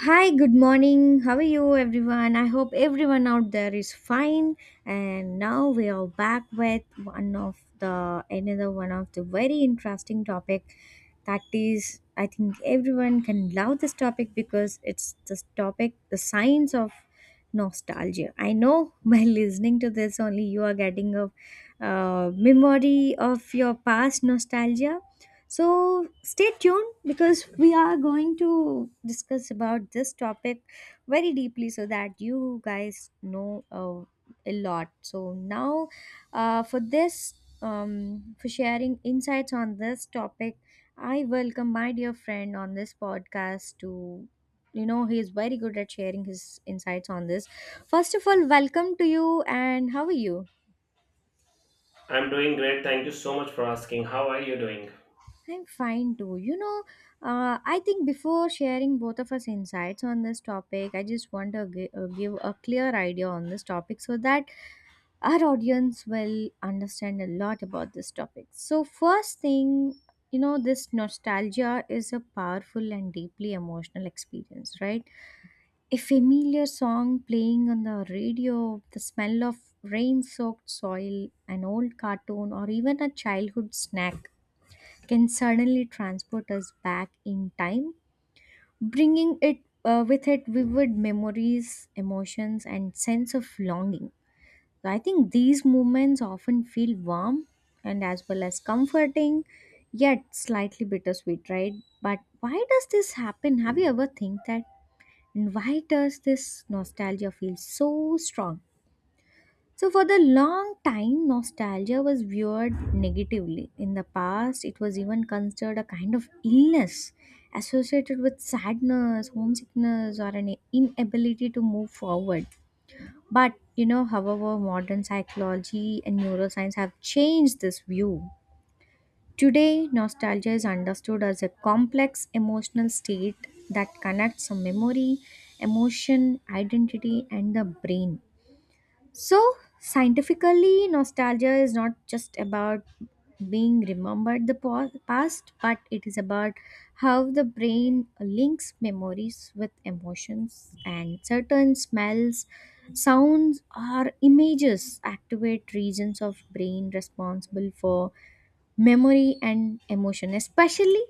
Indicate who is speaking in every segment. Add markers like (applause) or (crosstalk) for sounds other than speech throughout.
Speaker 1: Hi, good morning. How are you, everyone? I hope everyone out there is fine. And now we are back with one of the another one of the very interesting topic. That is, I think everyone can love this topic because the science of nostalgia. I know by (laughs) listening to this, only you are getting a memory of your past nostalgia, so stay tuned because we are going to discuss about this topic very deeply so that you guys know a lot. So now uh, for this for sharing insights on this topic, I welcome my dear friend on this podcast to. He is very good at sharing his insights on this. First of all, welcome to you, and how are you?
Speaker 2: I'm doing great. Thank you so much for asking. How are you doing?
Speaker 1: I'm fine too. I think before sharing both of us insights on this topic, I just want to give a clear idea on this topic so that our audience will understand a lot about this topic. So, first thing, this nostalgia is a powerful and deeply emotional experience, right? A familiar song playing on the radio, the smell of rain soaked soil, an old cartoon, or even a childhood snack can suddenly transport us back in time, bringing it with it vivid memories, emotions, and sense of longing. So I think these moments often feel warm and as well as comforting, yet slightly bittersweet, right? But why does this happen? Have you ever think that? And why does this nostalgia feel so strong? So, for the long time, nostalgia was viewed negatively. In the past, it was even considered a kind of illness associated with sadness, homesickness, or an inability to move forward. But, however, modern psychology and neuroscience have changed this view. Today, nostalgia is understood as a complex emotional state that connects a memory, emotion, identity, and the brain. So, scientifically, nostalgia is not just about being remembered the past, but it is about how the brain links memories with emotions, and certain smells, sounds, or images activate regions of brain responsible for memory and emotion, especially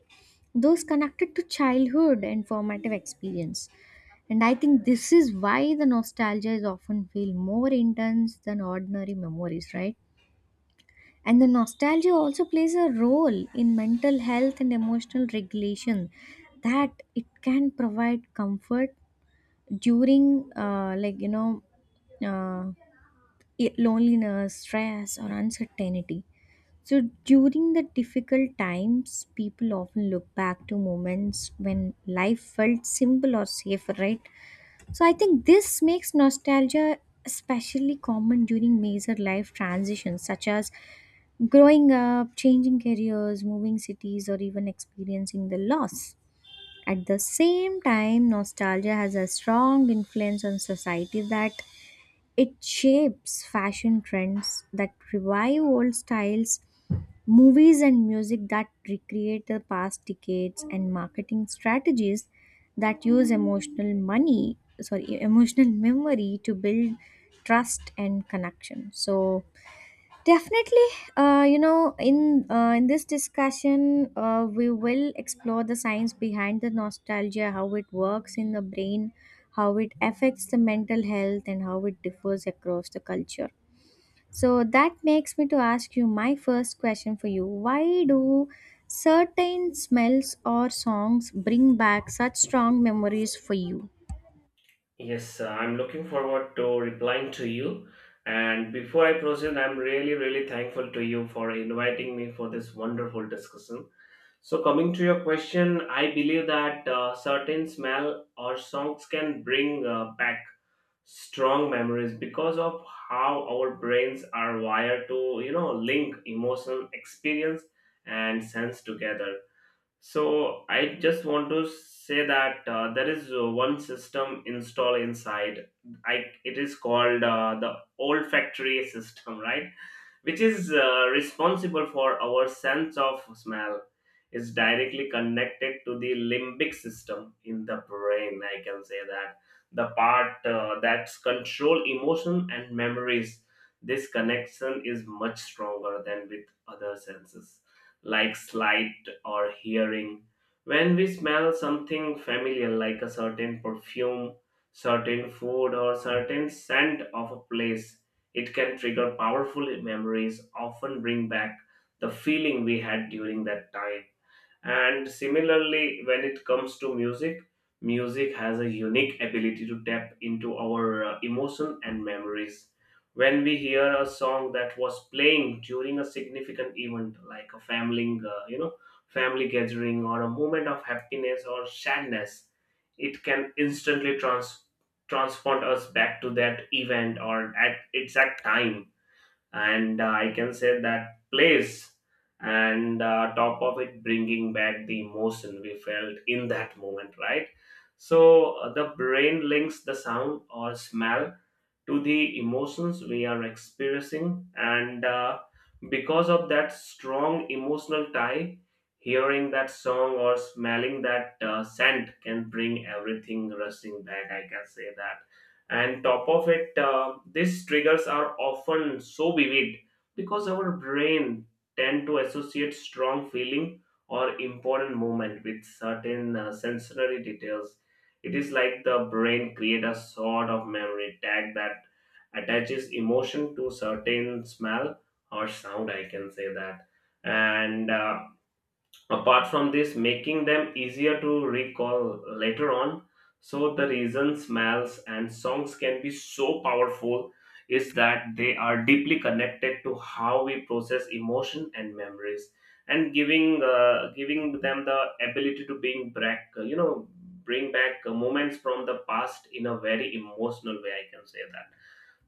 Speaker 1: those connected to childhood and formative experience. And I think this is why the nostalgia is often feel more intense than ordinary memories, right? And the nostalgia also plays a role in mental health and emotional regulation, that it can provide comfort during uh, loneliness, stress, or uncertainty. So during the difficult times, people often look back to moments when life felt simple or safe, right? So I think this makes nostalgia especially common during major life transitions, such as growing up, changing careers, moving cities, or even experiencing the loss. At the same time, nostalgia has a strong influence on society, that it shapes fashion trends that revive old styles, movies and music that recreate the past decades, and marketing strategies that use emotional money, sorry, emotional memory to build trust and connection. So definitely, in this discussion, we will explore the science behind the nostalgia, how it works in the brain, how it affects the mental health, and how it differs across the culture. So that makes me to ask you my first question for you. Why do certain smells or songs bring back such strong memories for you?
Speaker 2: Yes, I'm looking forward to replying to you. And before I proceed, I'm really, really thankful to you for inviting me for this wonderful discussion. So, coming to your question, I believe that certain smell or songs can bring back strong memories because of how our brains are wired to, you know, link emotion, experience, and sense together. So I just want to say that there is one system installed inside. I it is called the olfactory system, right? Which is responsible for our sense of smell. Is directly connected to the limbic system in the brain. I can say that the part that's control emotion and memories. This connection is much stronger than with other senses like slight or hearing. When we smell something familiar, like a certain perfume, certain food, or certain scent of a place, it can trigger powerful memories, often bring back the feeling we had during that time. And similarly, when it comes to music, music has a unique ability to tap into our emotion and memories. When we hear a song that was playing during a significant event, like a family, family gathering, or a moment of happiness or sadness, it can instantly transport us back to that event or at exact time and I can say that place and top of it bringing back the emotion we felt in that moment, right? So the brain links the sound or smell to the emotions we are experiencing. And because of that strong emotional tie, hearing that song or smelling that scent can bring everything rushing back. I can say that. And top of it, these triggers are often so vivid because our brain tend to associate strong feeling or important moment with certain sensory details. It is like the brain create a sort of memory tag that attaches emotion to certain smell or sound. I can say that, and apart from this, making them easier to recall later on, so the reason smells and songs can be so powerful is that they are deeply connected to how we process emotion and memories, and giving them the ability to bring back bring back moments from the past in a very emotional way. I can say that.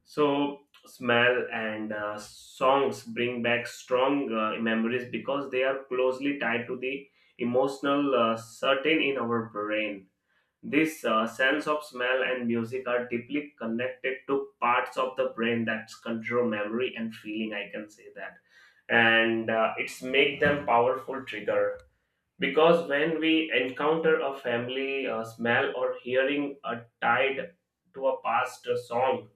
Speaker 2: So, smell and songs bring back strong memories because they are closely tied to the emotional certain in our brain. This sense of smell and music are deeply connected to parts of the brain that control memory and feeling. I can say that, and it's make them powerful trigger because when we encounter a family smell or hearing a tied to a past song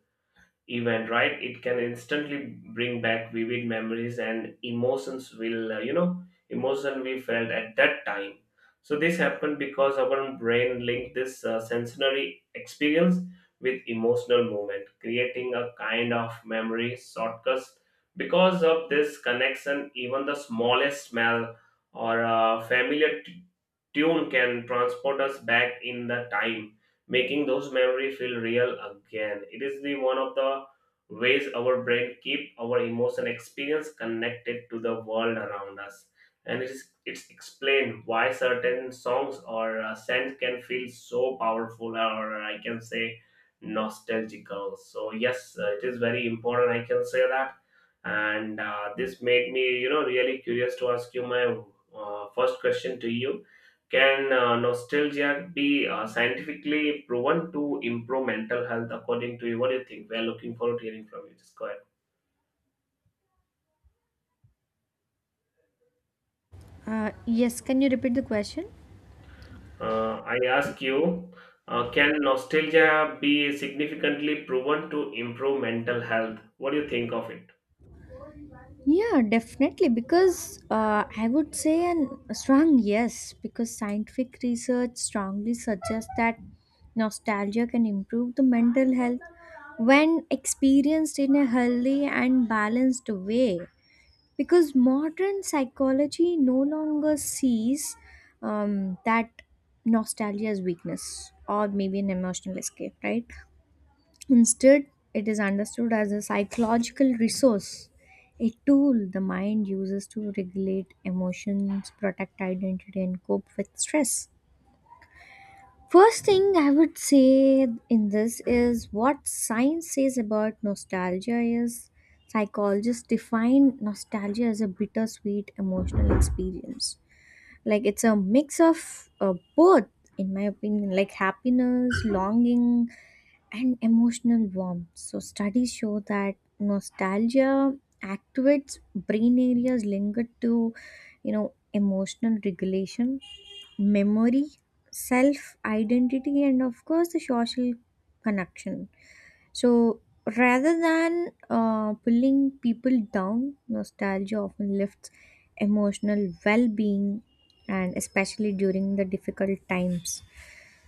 Speaker 2: event, right? It can instantly bring back vivid memories and emotions will, emotion we felt at that time. So this happened because our brain linked this sensory experience with emotional movement, creating a kind of memory shortcut. Because of this connection, even the smallest smell or a familiar tune can transport us back in the time, making those memories feel real again. It is the one of the ways our brain keep our emotion experience connected to the world around us. And it's explained why certain songs or scents can feel so powerful or I can say nostalgical. So yes, it is very important. I can say that. And this made me, you know, really curious to ask you my first question to you. Can nostalgia be scientifically proven to improve mental health according to you? What do you think? We are looking forward to hearing from you. Just go ahead.
Speaker 1: Yes, can you repeat the question?
Speaker 2: I ask you, can nostalgia be significantly proven to improve mental health? What do you think of it?
Speaker 1: Yeah, definitely. Because I would say a strong yes, because scientific research strongly suggests that nostalgia can improve the mental health when experienced in a healthy and balanced way. Because modern psychology no longer sees that nostalgia as weakness or maybe an emotional escape, right? Instead, it is understood as a psychological resource, a tool the mind uses to regulate emotions, protect identity, and cope with stress. First thing I would say in this is what science says about nostalgia is psychologists define nostalgia as a bittersweet emotional experience. Like it's a mix of both, in my opinion, like happiness, longing, and emotional warmth. So studies show that nostalgia activates brain areas linked to, emotional regulation, memory, self identity, and of course, the social connection. So, rather than pulling people down, nostalgia often lifts emotional well being, and especially during the difficult times.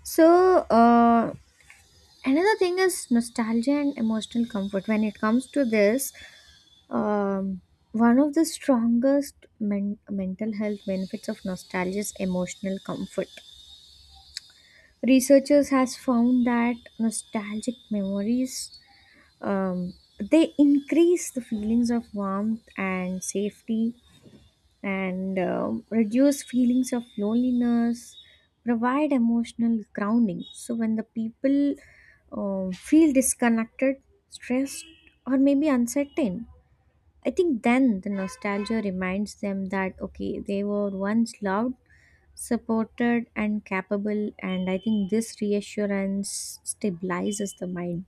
Speaker 1: So, another thing is nostalgia and emotional comfort. When it comes to this, um, one of the strongest mental health benefits of nostalgia is emotional comfort. Researchers has found that nostalgic memories um, they increase the feelings of warmth and safety, and reduce feelings of loneliness, provide emotional grounding. So when the people feel disconnected, stressed, or maybe uncertain, I think then the nostalgia reminds them that okay, they were once loved, supported, and capable, and I think this reassurance stabilizes the mind.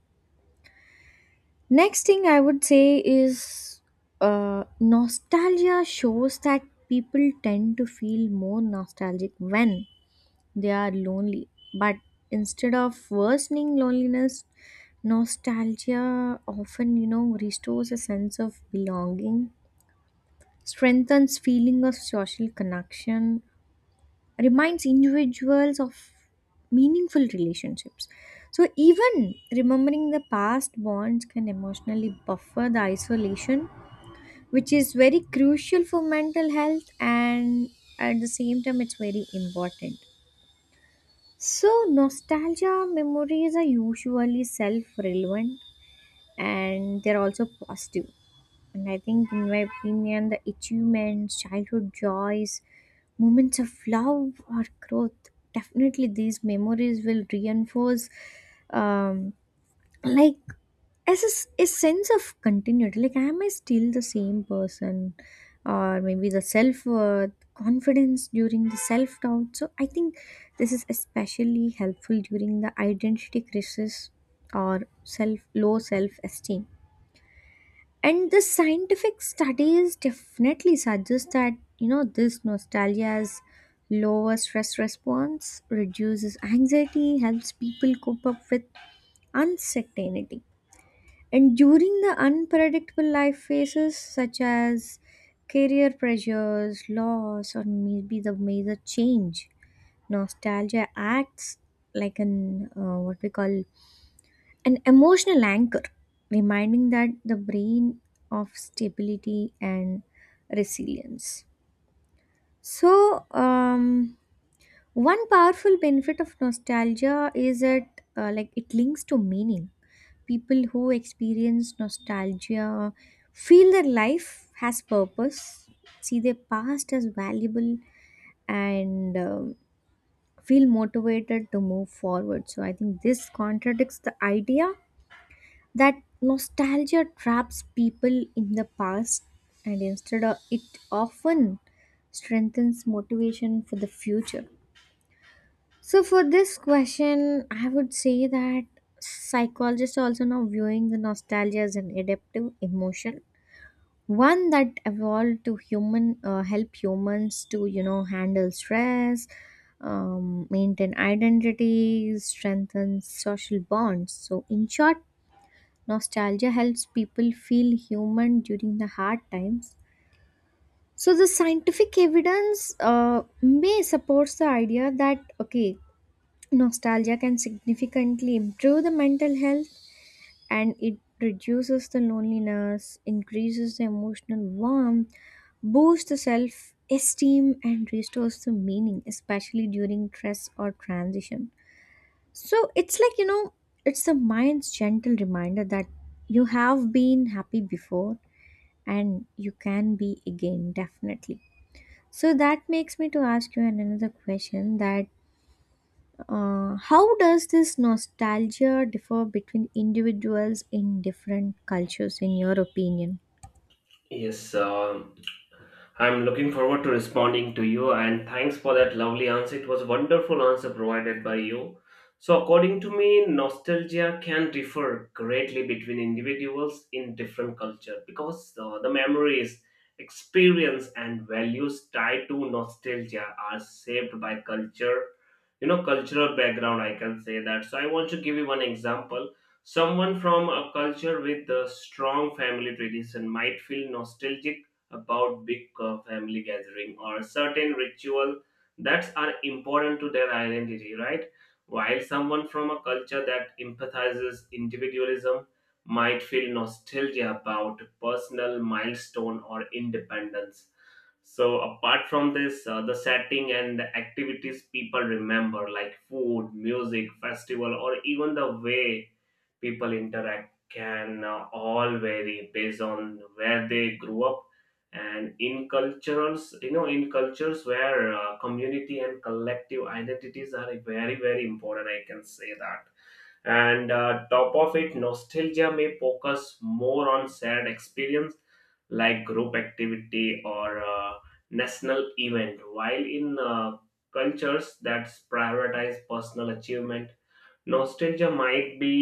Speaker 1: Next thing I would say is nostalgia shows that people tend to feel more nostalgic when they are lonely. But instead of worsening loneliness, nostalgia often, restores a sense of belonging, strengthens feeling of social connection, reminds individuals of meaningful relationships. So, even remembering the past bonds can emotionally buffer the isolation, which is very crucial for mental health, and at the same time, it's very important. So, nostalgia memories are usually self relevant, and they're also positive, and I think, in my opinion, the achievements, childhood joys, moments of love or growth, definitely these memories will reinforce, um, like, a sense of continuity. Like, am I still the same person? Or maybe the self worth, confidence during the self doubt. So, I think this is especially helpful during the identity crisis or self low self esteem, and the scientific studies definitely suggest that this nostalgia's lower stress response reduces anxiety, helps people cope up with uncertainty, and during the unpredictable life phases such as career pressures, loss, or maybe the major change, nostalgia acts like an what we call an emotional anchor, reminding that the brain of stability and resilience. So, one powerful benefit of nostalgia is that like it links to meaning. People who experience nostalgia feel their life has purpose, see their past as valuable, and feel motivated to move forward. So, I think this contradicts the idea that nostalgia traps people in the past, and instead of it often strengthens motivation for the future. So for this question I would say that psychologists are also now viewing the nostalgia as an adaptive emotion, one that evolved to human help humans to handle stress, maintain identity, strengthen social bonds. So in short, nostalgia helps people feel human during the hard times. So the scientific evidence may supports the idea that okay, nostalgia can significantly improve the mental health, and it reduces the loneliness, increases the emotional warmth, boosts the self esteem, and restores the meaning, especially during stress or transition. So it's like, it's the mind's gentle reminder that you have been happy before, and you can be again, definitely. So that makes me to ask you another question, that how does this nostalgia differ between individuals in different cultures in your opinion?
Speaker 2: Yes, I'm looking forward to responding to you and thanks for that lovely answer. It was a wonderful answer provided by you. So, according to me, nostalgia can differ greatly between individuals in different culture because the memories, experience, and values tied to nostalgia are shaped by culture, you know, cultural background. I can say that. So, I want to give you one example. Someone from a culture with a strong family tradition might feel nostalgic about big family gathering or certain ritual that are important to their identity, right? While someone from a culture that empathizes individualism might feel nostalgia about personal milestone or independence. So apart from this, the setting and the activities people remember, like food, music, festival, or even the way people interact can all vary based on where they grew up, and in cultures where community and collective identities are very, very important. I can say that, and top of it nostalgia may focus more on sad experience like group activity or national event, while in cultures that prioritize personal achievement, nostalgia might be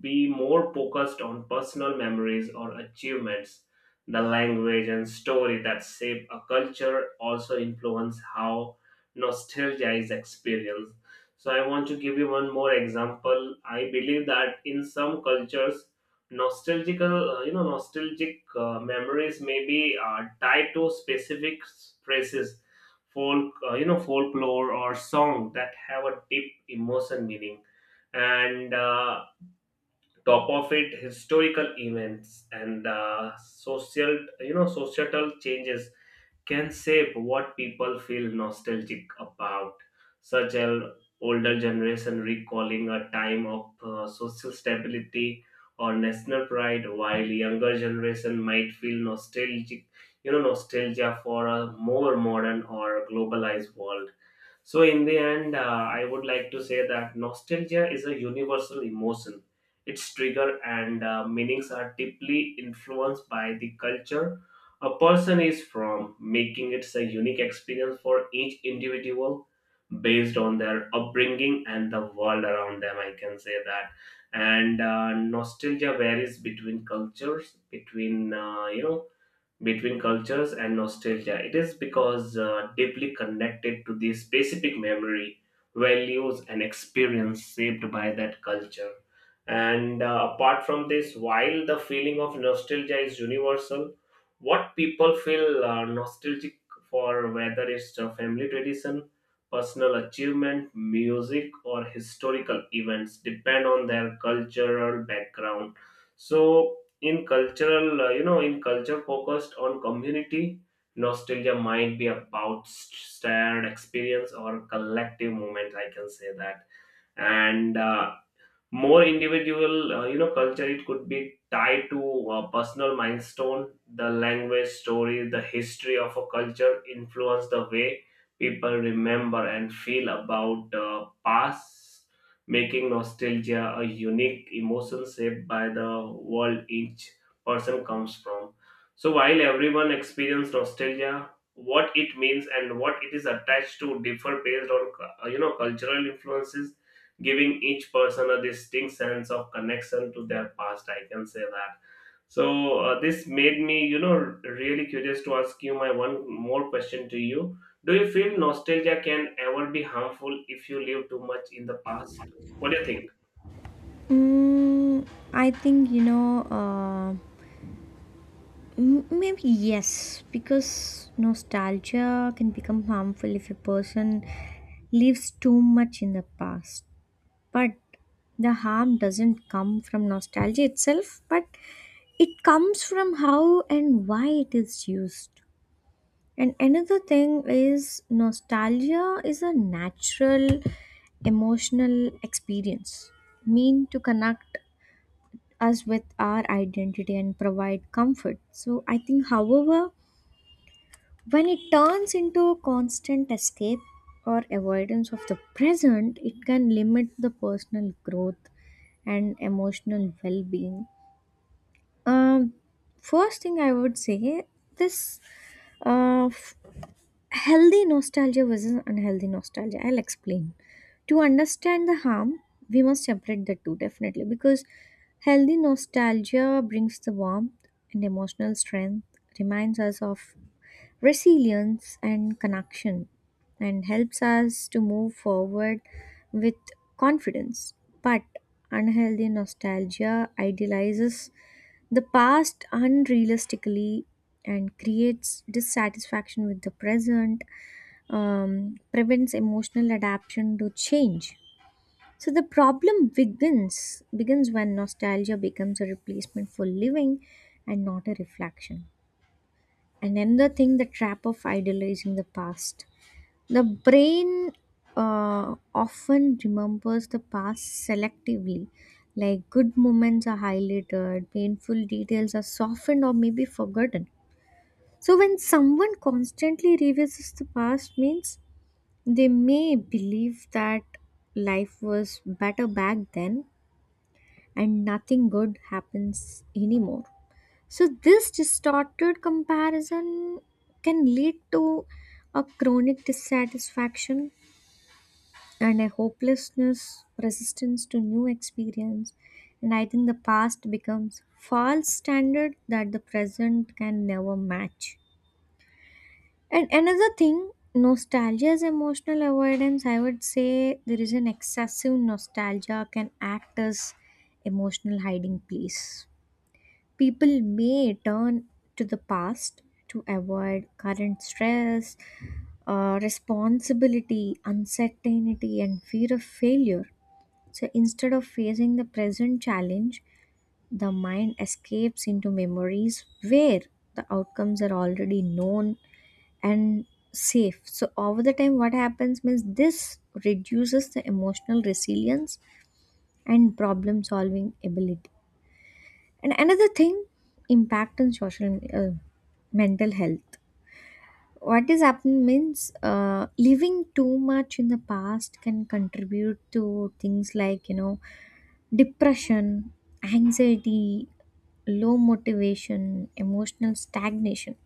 Speaker 2: be more focused on personal memories or achievements. The language and story that shape a culture also influence how nostalgia is experienced. So I want to give you one more example. I believe that in some cultures, nostalgic memories may be tied to specific phrases, folklore or song that have a deep emotion meaning, and top of it historical events and social, societal changes can shape what people feel nostalgic about, such as older generation recalling a time of social stability or national pride, while younger generation might feel nostalgic you know nostalgia for a more modern or globalized world. So, in the end, I would like to say that nostalgia is a universal emotion. Its trigger and meanings are deeply influenced by the culture a person is from, making it a unique experience for each individual based on their upbringing and the world around them. I can say that. And nostalgia varies between cultures, between cultures and nostalgia. It is because deeply connected to the specific memory, values, and experience shaped by that culture. And apart from this, while the feeling of nostalgia is universal, what people feel nostalgic for, whether it's a family tradition, personal achievement, music, or historical events, depend on their cultural background. So, in cultural you know in culture focused on community, nostalgia might be about shared experience or collective moments. I can say that, and more individual, culture, it could be tied to a personal milestone. The language story, the history of a culture influence the way people remember and feel about the past, making nostalgia a unique emotion shaped by the world each person comes from. So while everyone experiences nostalgia, what it means and what it is attached to differ based on cultural influences, giving each person a distinct sense of connection to their past. I can say that. So this made me, you know, really curious to ask you my one more question to you. Do you feel nostalgia can ever be harmful if you live too much in the past? What do you think?
Speaker 1: Mm, I think maybe yes, because nostalgia can become harmful if a person lives too much in the past. But the harm doesn't come from nostalgia itself, but it comes from how and why it is used. And another thing is, nostalgia is a natural emotional experience, mean to connect us with our identity and provide comfort. So I think, however, when it turns into a constant escape or avoidance of the present, it can limit the personal growth and emotional well being. Um, first thing I would say this uh, f- healthy nostalgia versus unhealthy nostalgia. I'll explain. To understand the harm, we must separate the two definitely, because healthy nostalgia brings the warmth and emotional strength, reminds us of resilience and connection, and helps us to move forward with confidence. But unhealthy nostalgia idealizes the past unrealistically and creates dissatisfaction with the present, prevents emotional adaptation to change. So the problem begins when nostalgia becomes a replacement for living and not a reflection. And another thing, the trap of idealizing the past. The brain often remembers the past selectively, like good moments are highlighted, painful details are softened or maybe forgotten. So when someone constantly revisits the past means they may believe that life was better back then, and nothing good happens anymore. So, this distorted comparison can lead to a chronic dissatisfaction and a hopelessness, resistance to new experience. And I think the past becomes false standard that the present can never match. And another thing, nostalgia is emotional avoidance. I would say there is an excessive nostalgia can act as emotional hiding place. People may turn to the past to avoid current stress, responsibility, uncertainty, and fear of failure. So instead of facing the present challenge, the mind escapes into memories where the outcomes are already known and safe. So, over the time, what happens means this reduces the emotional resilience and problem solving ability. And another thing, impact on social mental health. What is happening means living too much in the past can contribute to things like depression, anxiety, low motivation, emotional stagnation.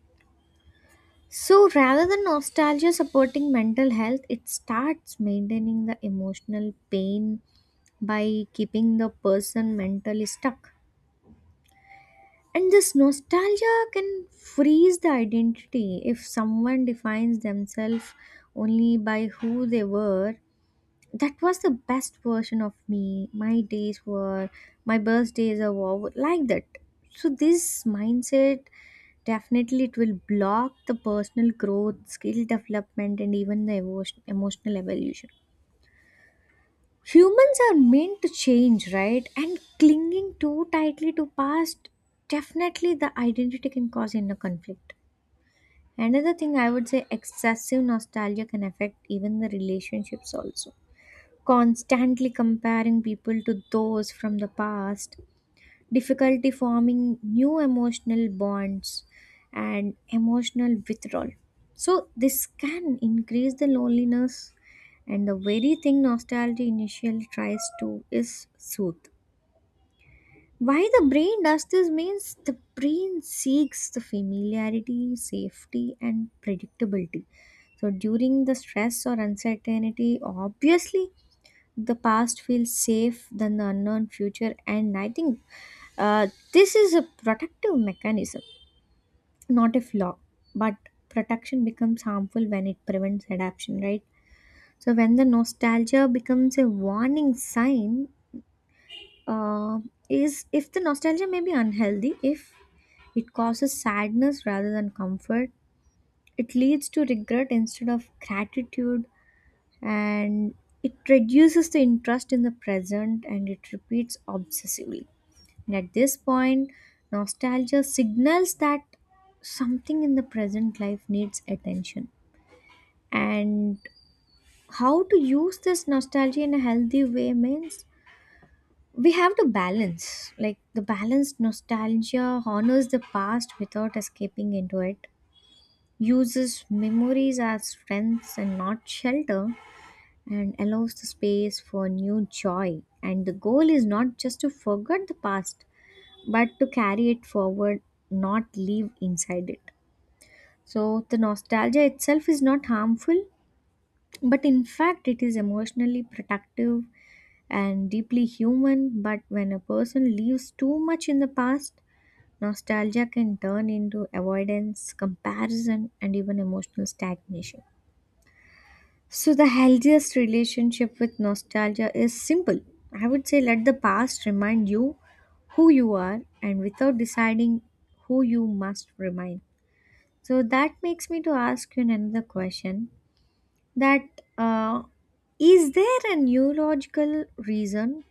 Speaker 1: So rather than nostalgia supporting mental health, it starts maintaining the emotional pain by keeping the person mentally stuck. And this nostalgia can freeze the identity if someone defines themselves only by who they were. That was the best version of me. My days were, my birthdays are over, like that. So, this mindset definitely it will block the personal growth, skill development, and even the emotional evolution. Humans are meant to change, right, and clinging too tightly to past definitely the identity can cause inner conflict. Another thing, I would say excessive nostalgia can affect even the relationships also, constantly comparing people to those from the past, difficulty forming new emotional bonds, and emotional withdrawal. So, this can increase the loneliness, and the very thing nostalgia initially tries to is soothe. Why the brain does this means the brain seeks the familiarity, safety, and predictability. So, during the stress or uncertainty, obviously the past feels safe than the unknown future, and I think uh, this is a protective mechanism, not a flaw, but protection becomes harmful when it prevents adaptation, right? So when the nostalgia becomes a warning sign, uh, is if the nostalgia may be unhealthy if it causes sadness rather than comfort, it leads to regret instead of gratitude, and it reduces the interest in the present and it repeats obsessively. And at this point, nostalgia signals that something in the present life needs attention. And how to use this nostalgia in a healthy way means we have to balance. Like the balanced nostalgia honors the past without escaping into it, uses memories as friends and not shelter, and allows the space for new joy. And the goal is not just to forget the past, but to carry it forward, not live inside it. So the nostalgia itself is not harmful, but in fact, it is emotionally protective and deeply human. But when a person lives too much in the past, nostalgia can turn into avoidance, comparison, and even emotional stagnation. So, the healthiest relationship with nostalgia is simple. I would say let the past remind you who you are and without deciding who you must remain. So, that makes me to ask you another question, that is there a neurological reason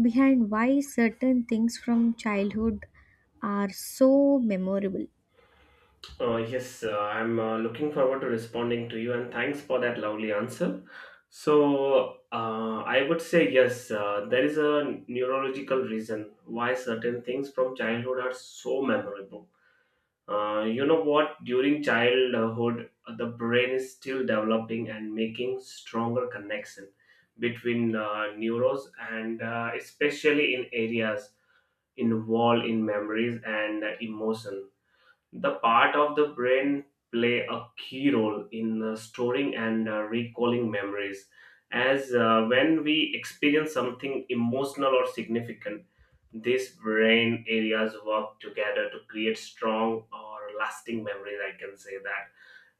Speaker 1: behind why certain things from childhood are so memorable?
Speaker 2: Yes, I'm looking forward to responding to you, and thanks for that lovely answer. So, I would say yes, there is a neurological reason why certain things from childhood are so memorable. You know what? During childhood, the brain is still developing and making stronger connection between neurons, and especially in areas involved in memories and emotion. The part of the brain play a key role in storing and recalling memories, as when we experience something emotional or significant, these brain areas work together to create strong or lasting memories. I can say that,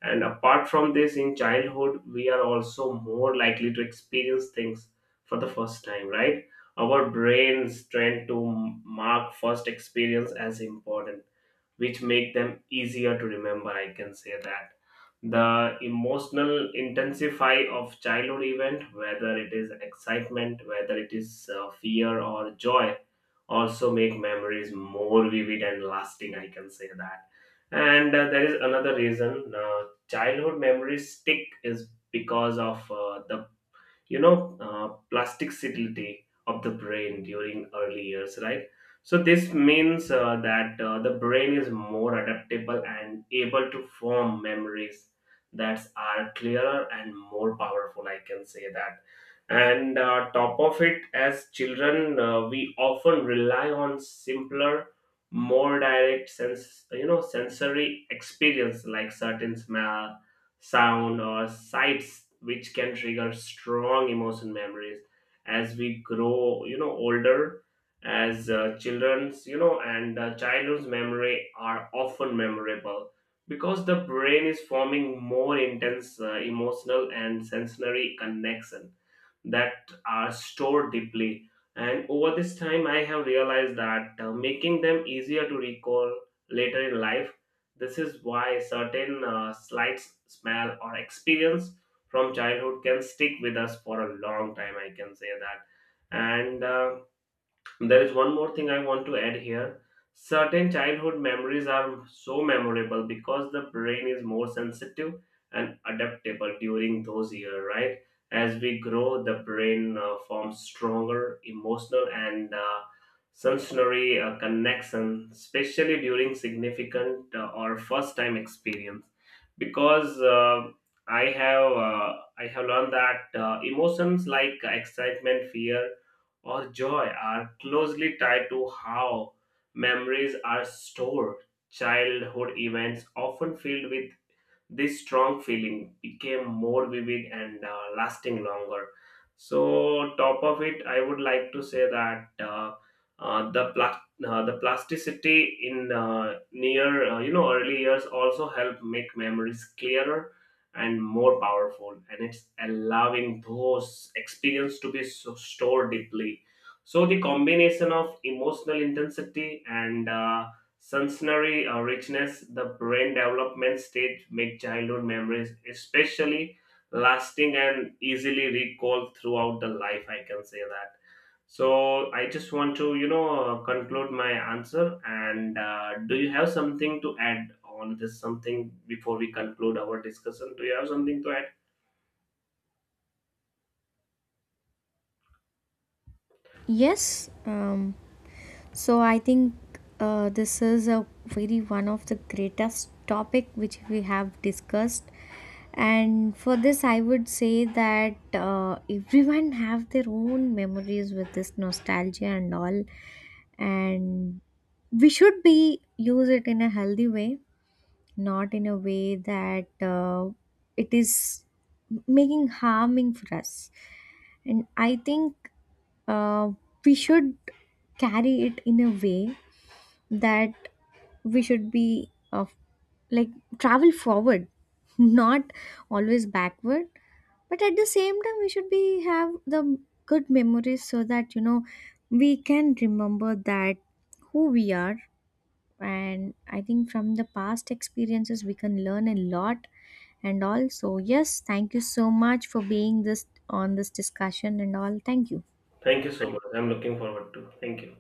Speaker 2: and apart from this, in childhood, we are also more likely to experience things for the first time, right? Our brains tend to mark first experience as important, which make them easier to remember. I can say that. The emotional intensify of childhood event, whether it is excitement, whether it is fear or joy, also make memories more vivid and lasting. I can say that, and there is another reason childhood memories stick is because of the plasticity of the brain during early years, right? So this means that the brain is more adaptable and able to form memories that are clearer and more powerful. I can say that, and top of it, as children, we often rely on simpler, more direct sense, sensory experience like certain smell, sound, or sights, which can trigger strong emotion memories as we grow, you know, older. As children's, you know, and childhood's memory are often memorable because the brain is forming more intense emotional and sensory connection that are stored deeply, and over this time I have realized that making them easier to recall later in life, this is why certain slights, smell, or experience from childhood can stick with us for a long time. I can say that, and. There is one more thing I want to add here. Certain childhood memories are so memorable because the brain is more sensitive and adaptable during those years, right? As we grow, the brain forms stronger emotional and sensory connection, especially during significant or first-time experience. Because I have uh, I have learned that emotions like excitement, fear, or joy are closely tied to how memories are stored. Childhood events, often filled with this strong feeling, became more vivid and lasting longer. So top of it I would like to say that uh, the pla- the plasticity in near you know early years also help make memories clearer and more powerful, and it's allowing those experience to be so stored deeply. So the combination of emotional intensity and sensory richness, the brain development stage, make childhood memories especially lasting and easily recalled throughout the life. I can say that. So I just want to, you know, conclude my answer, and do you have something to add on this, something before we conclude our discussion? Do you have something to add?
Speaker 1: Yes, um, So I think this is a very one of the greatest topic which we have discussed, and for this I would say that everyone (laughs) have their own memories with this nostalgia and all, and we should be use it in a healthy way, not in a way that it is making harming for us, and I think uh, we should carry it in a way that we should be of, like, travel forward (laughs) not always backward, but at the same time we should be have the good memories so that we can remember that who we are. And I think from the past experiences we can learn a lot. And also, yes, thank you so much for being this on this discussion and all. Thank you.
Speaker 2: Thank you so much. I'm looking forward to. Thank you.